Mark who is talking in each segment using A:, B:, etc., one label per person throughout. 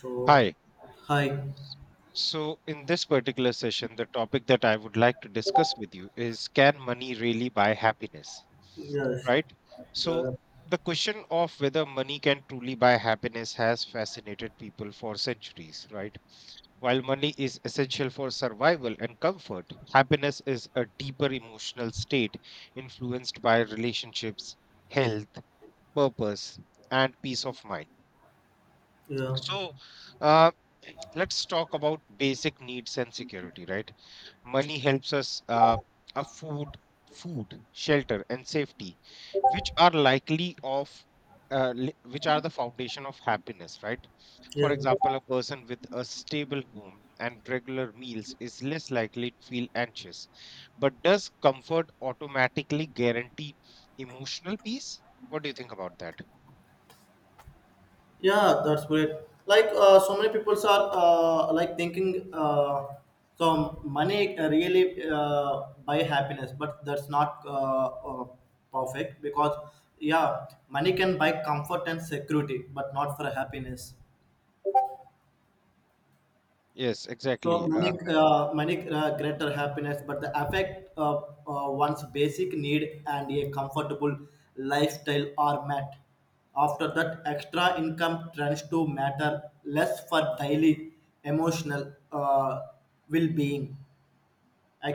A: So,
B: Hi.
A: hi.
B: So, in this particular session, the topic that I would like to discuss with you is, can money really buy happiness?
A: Yes.
B: Right? So,
A: The
B: the question of whether money can truly buy happiness has fascinated people for centuries, right? While money is essential for survival and comfort, happiness is a deeper emotional state influenced by relationships, health, purpose, and peace of mind.
A: yeah
B: So, uh, let's talk about basic needs and security, right? Money helps us afford food, shelter, and safety, which are likely of which are the foundation of happiness, right? For
A: yeah
B: example, a person with a stable home and regular meals is less likely to feel anxious. But does comfort automatically guarantee emotional peace? What do you think about that?
A: yeah. That's great. Like so many people are like thinking so money really buy happiness, but that's not perfect because yeah, money can buy comfort and security, but not for happiness.
B: Yes,
A: So
B: exactly.
A: money, greater happiness, but the affect one's basic need and a comfortable lifestyle are met. After that, extra income tends to matter less for daily emotional well-being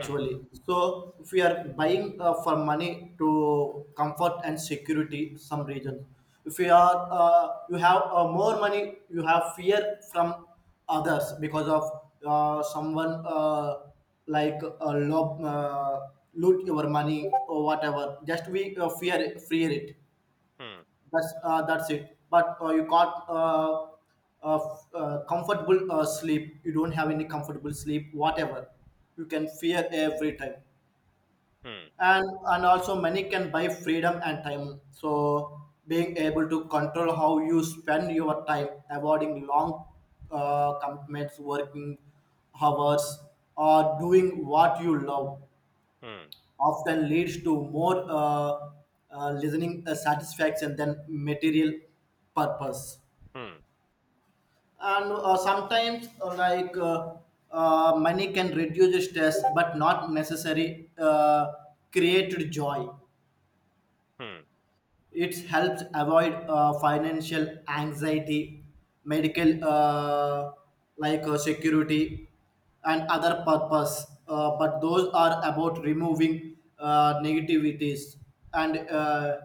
B: hmm,
A: So if we are buying for money to comfort and security some region, if you are you have more money you have fear from others because of uh, someone uh, like uh, lob, uh, loot your money or whatever, just we fear it.
B: hmm,
A: That's that's it. But you got comfortable sleep. You don't have any comfortable sleep. Whatever, you can fear every time.
B: hmm.
A: And and also money can buy freedom and time. So being able to control how you spend your time, avoiding long commitments, working hours, or doing what you love
B: Hmm.
A: often leads to more listening satisfaction than material purpose.
B: Hmm.
A: And sometimes, money can reduce stress, but not necessary create joy.
B: Hmm.
A: It helps avoid financial anxiety, medical security, and other purpose. But those are about removing negativities and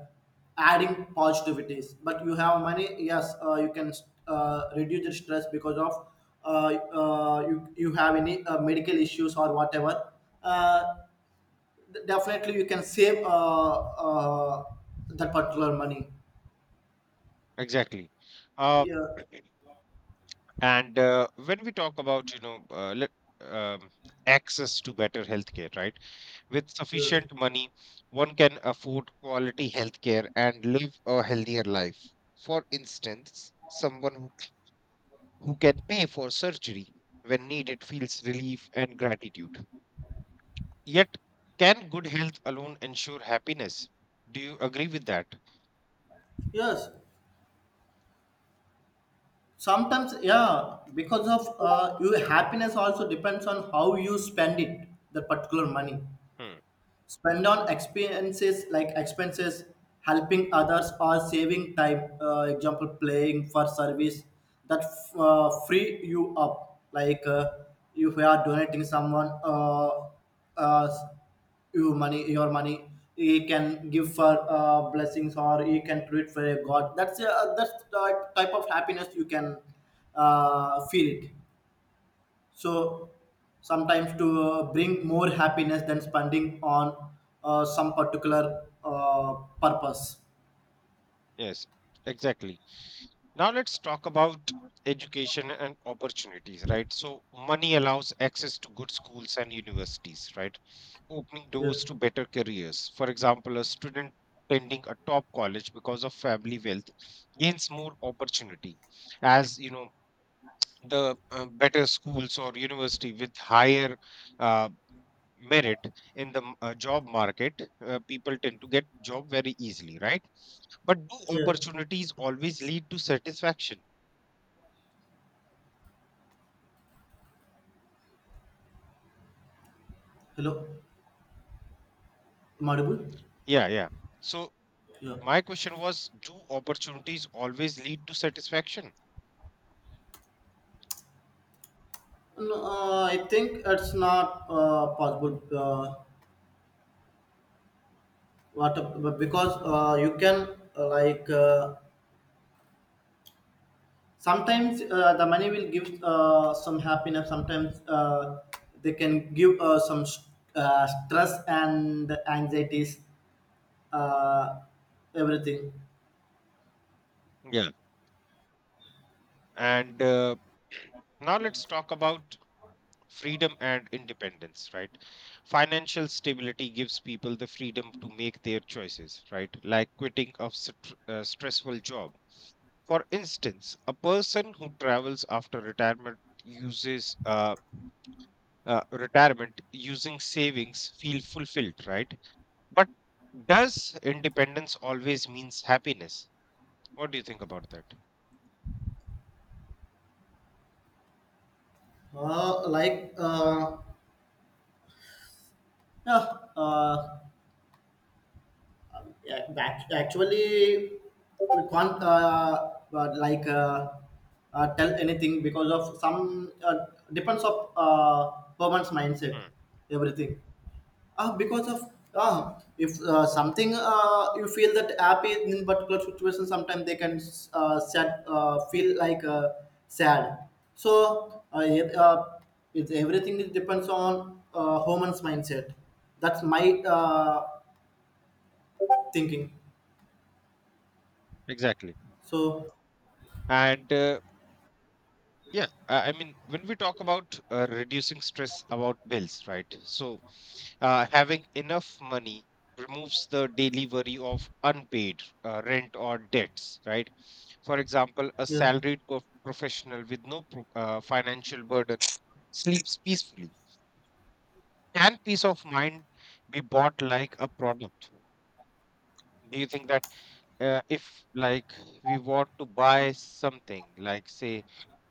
A: adding positivities. But you have money, yes, you can reduce the stress because of you have any medical issues or whatever. Uh, Definitely, you can save that particular money.
B: Exactly. Uh,
A: Yeah.
B: and when we talk about, you know, um, access to better healthcare, right? With
A: Yes.
B: sufficient money, one can afford quality healthcare and live a healthier life. For instance, someone who can pay for surgery when needed feels relief and gratitude. Yet, can good health alone ensure happiness? Do you agree with that?
A: Yes. Sometimes, yeah, because of your happiness also depends on how you spend it, the particular money,
B: Hmm.
A: spend on experiences like expenses, helping others, or saving time, example playing for service that free you up. Like if you are donating someone uh, your money, he can give for blessings or he can treat for a god. That's that's the type of happiness you can feel it. So sometimes to bring more happiness than spending on some particular purpose.
B: Yes, exactly. Now let's talk about education and opportunities, right? So money allows access to good schools and universities, right? Opening
A: Yeah.
B: doors to better careers. For example, a student attending a top college because of family wealth gains more opportunity. As you know, the better schools or university with higher uh, merit in the job market, people tend to get job very easily, right? But do
A: Yeah.
B: opportunities always lead to satisfaction?
A: Hello, am I audible?
B: Yeah, yeah. So
A: Yeah.
B: my question was, do opportunities always lead to satisfaction?
A: No, I think it's not possible, what, but because you can sometimes the money will give some happiness, sometimes they can give stress and anxieties, uh, everything.
B: Yeah. And now let's talk about freedom and independence, right? Financial stability gives people the freedom to make their choices, right? Like quitting a stressful job. For instance, a person who travels after retirement uses retirement using savings feel fulfilled, right? But does independence always means happiness? What do you think about that?
A: Uh, like uh, yeah, uh, actually we can't tell anything because of some, depends of woman's mindset,
B: Hmm,
A: everything. Because of if something you feel that happy in particular situation, sometimes they can sad, feel like sad. So it, everything is depends on human's mindset. That's my thinking.
B: Exactly.
A: So,
B: And yeah, I mean, when we talk about reducing stress about bills, right? So having enough money removes the daily worry of unpaid rent or debts, right? For example, a
A: yeah,
B: salaried professional with no financial burden sleeps peacefully. Can peace of mind be bought like a product? Do you think that? If like we want to buy something, like say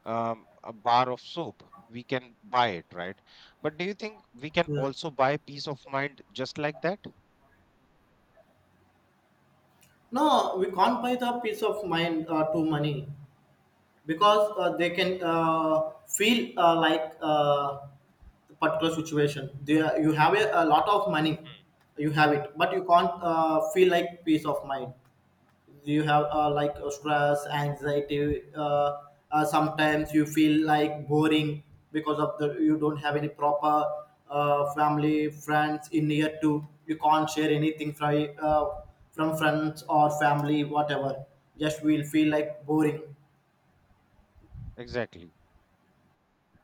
B: a bar of soap, we can buy it, right? But do you think we can
A: yeah.
B: also buy peace of mind just like that?
A: No, we can't buy the peace of mind to money, because they can feel particular situation there. You have a lot of money, you have it, but you can't feel like peace of mind. You have stress, anxiety, sometimes you feel like boring because of the you don't have any proper family friends in near to. You can't share anything from friends or family, whatever. Just will feel like boring.
B: Exactly.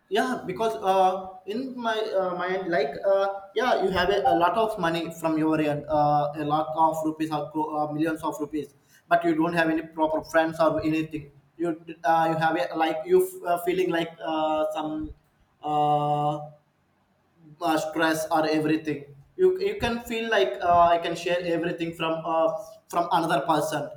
A: Yeah, because in my mind, like yeah, you have a lot of money from your end, a lot of rupees or millions of rupees, but you don't have any proper friends or anything. You, you have a, feeling like some uh, stress or everything. You can feel like I can share everything from another person,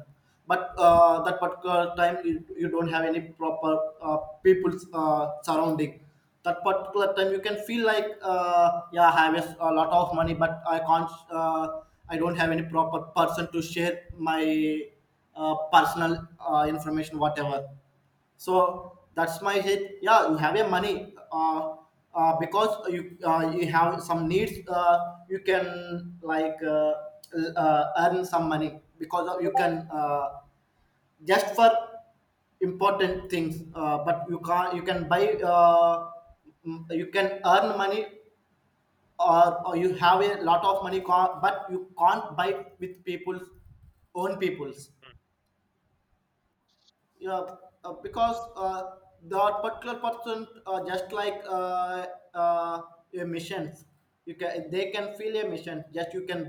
A: but that particular time you don't have any proper uh, people surrounding. That particular time you can feel like yeah, I have a lot of money but I can't uh, I don't have any proper person to share my personal information, whatever. So that's my hit. Yeah, you have a money, because you you have some needs, you can like earn some money because of- you can just for important things, but you can't you can buy you can earn money, or you have a lot of money but you can't buy with people's, own people's. Yeah, because that particular person just like uh, emissions, you can they can feel emissions, just you can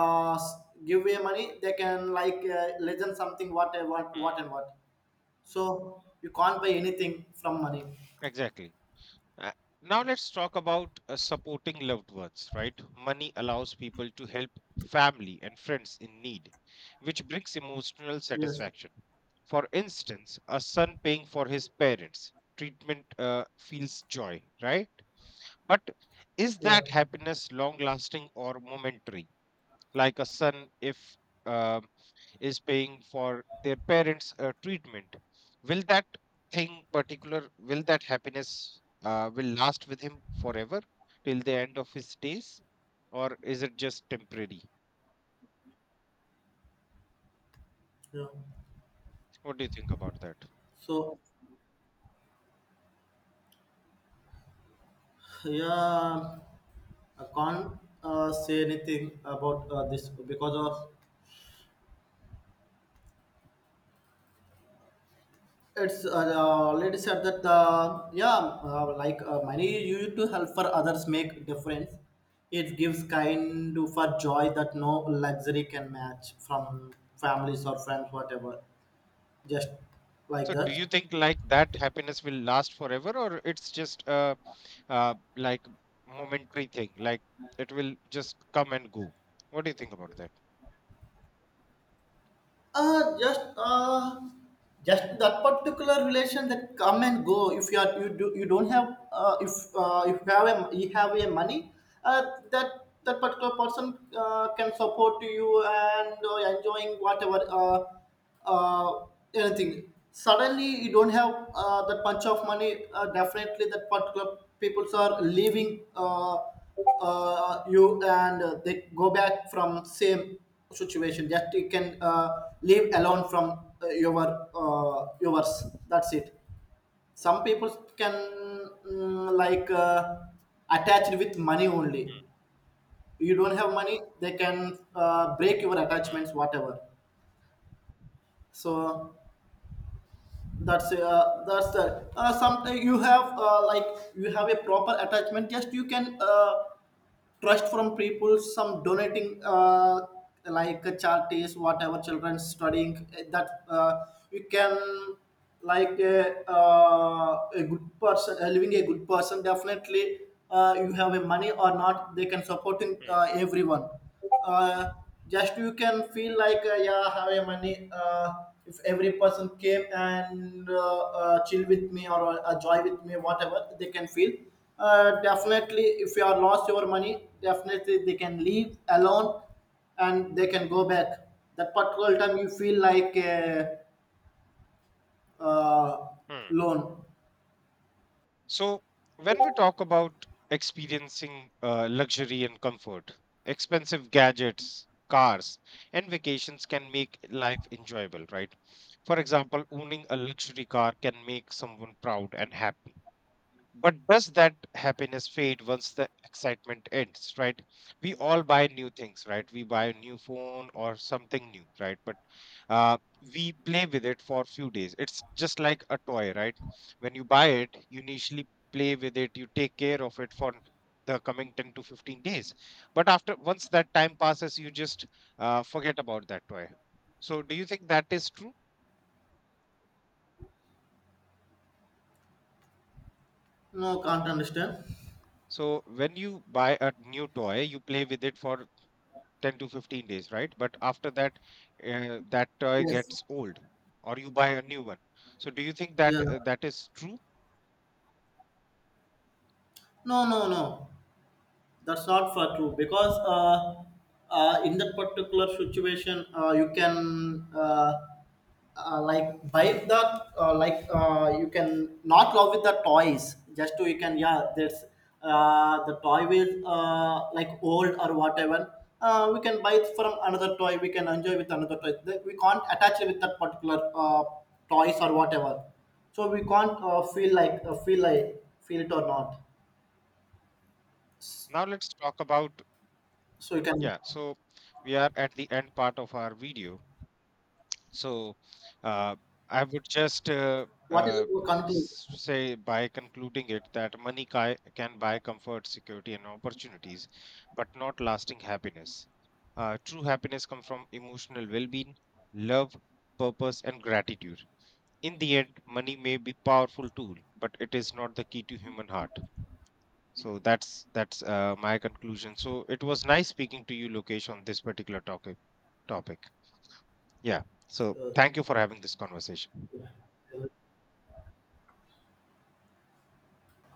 A: give away money they can like listen something what and what what
B: Mhm.
A: and what. So you can't buy anything from money.
B: Exactly. Uh, Now let's talk about supporting loved ones, right? Money allows people to help family and friends in need, which brings emotional
A: Yes.
B: satisfaction. For instance, a son paying for his parents' treatment feels joy, right? But is
A: Yeah.
B: that happiness long lasting or momentary? Like a son, if uh, is paying for their parents' treatment, will that thing particular, will that happiness will last with him forever till the end of his days, or is it just temporary?
A: Yeah.
B: What do you think about that?
A: So yeah, I can't say anything about this because of it's lady said that yeah, money used to help for others make difference. It gives kind of for joy that no luxury can match from families or friends, whatever. Just like
B: So, do
A: that.
B: you think like that happiness will last forever, or it's just a like momentary thing, like it will just come and go? What do you think about that?
A: Uh, just uh, just that particular relation that come and go. If you are you do you don't have, if you have a you have a money, that particular person can support you and enjoying whatever. Uh, Anything. Suddenly, you don't have that bunch of money. Definitely, that particular peoples are leaving, you, and they go back from same situation. Just you can leave alone from yours. That's it. Some people can, mm, like uh, attached with money only.
B: Mm,
A: You don't have money, they can break your attachments,
B: mm,
A: whatever. So that's the sometimes you have like you have a proper attachment, just you can trust from people, some donating charities, whatever, children studying, that you can, a good person, living a good person. Definitely you have a money or not, they can supporting
B: mm,
A: everyone. uh, just you can feel like yeah, have a money, if every person came and chill with me or joy with me, whatever, they can feel. Definitely, if you are lost your money, definitely they can leave alone and they
B: mm,
A: can go back. That particular time you feel like a uh,
B: mm.
A: loan.
B: So, when we talk about experiencing luxury and comfort, expensive gadgets, cars, and vacations can make life enjoyable, right? For example, owning a luxury car can make someone proud and happy. But does that happiness fade once the excitement ends, right? We all buy new things, right? We buy a new phone or something new, right? But we play with it for a few days. It's just like a toy, right? When you buy it, you initially play with it, you take care of it for the coming 10 to 15 days. But after once that time passes, you just forget about that toy. So, do you think that is true?
A: No, can't understand.
B: So, when you buy a new toy, you play with it for 10 to 15 days, right? But after that, that toy
A: Yes.
B: gets old or you buy a new one. So do you think that
A: Yeah.
B: that is true?
A: No, no, no, that's not for true, because in that particular situation you can buy the, you can not love with the toys, just to you can, yeah, there's the toy will like old or whatever. We can buy it from another toy, we can enjoy with another toy. We can't attach it with that particular toys or whatever, so we can't feel like feel it or not.
B: Now let's talk about,
A: So you can.
B: yeah, so we are at the end part of our video. So uh, I would just
A: What is your conclusion?
B: say by concluding it that money can buy comfort, security, and opportunities, but not lasting happiness. True happiness comes from emotional well-being, love, purpose, and gratitude. In the end, money may be powerful tool, but it is not the key to human heart. So that's my conclusion. So it was nice speaking to you, Lokesh, on this particular topic. Yeah, so thank you for having this conversation.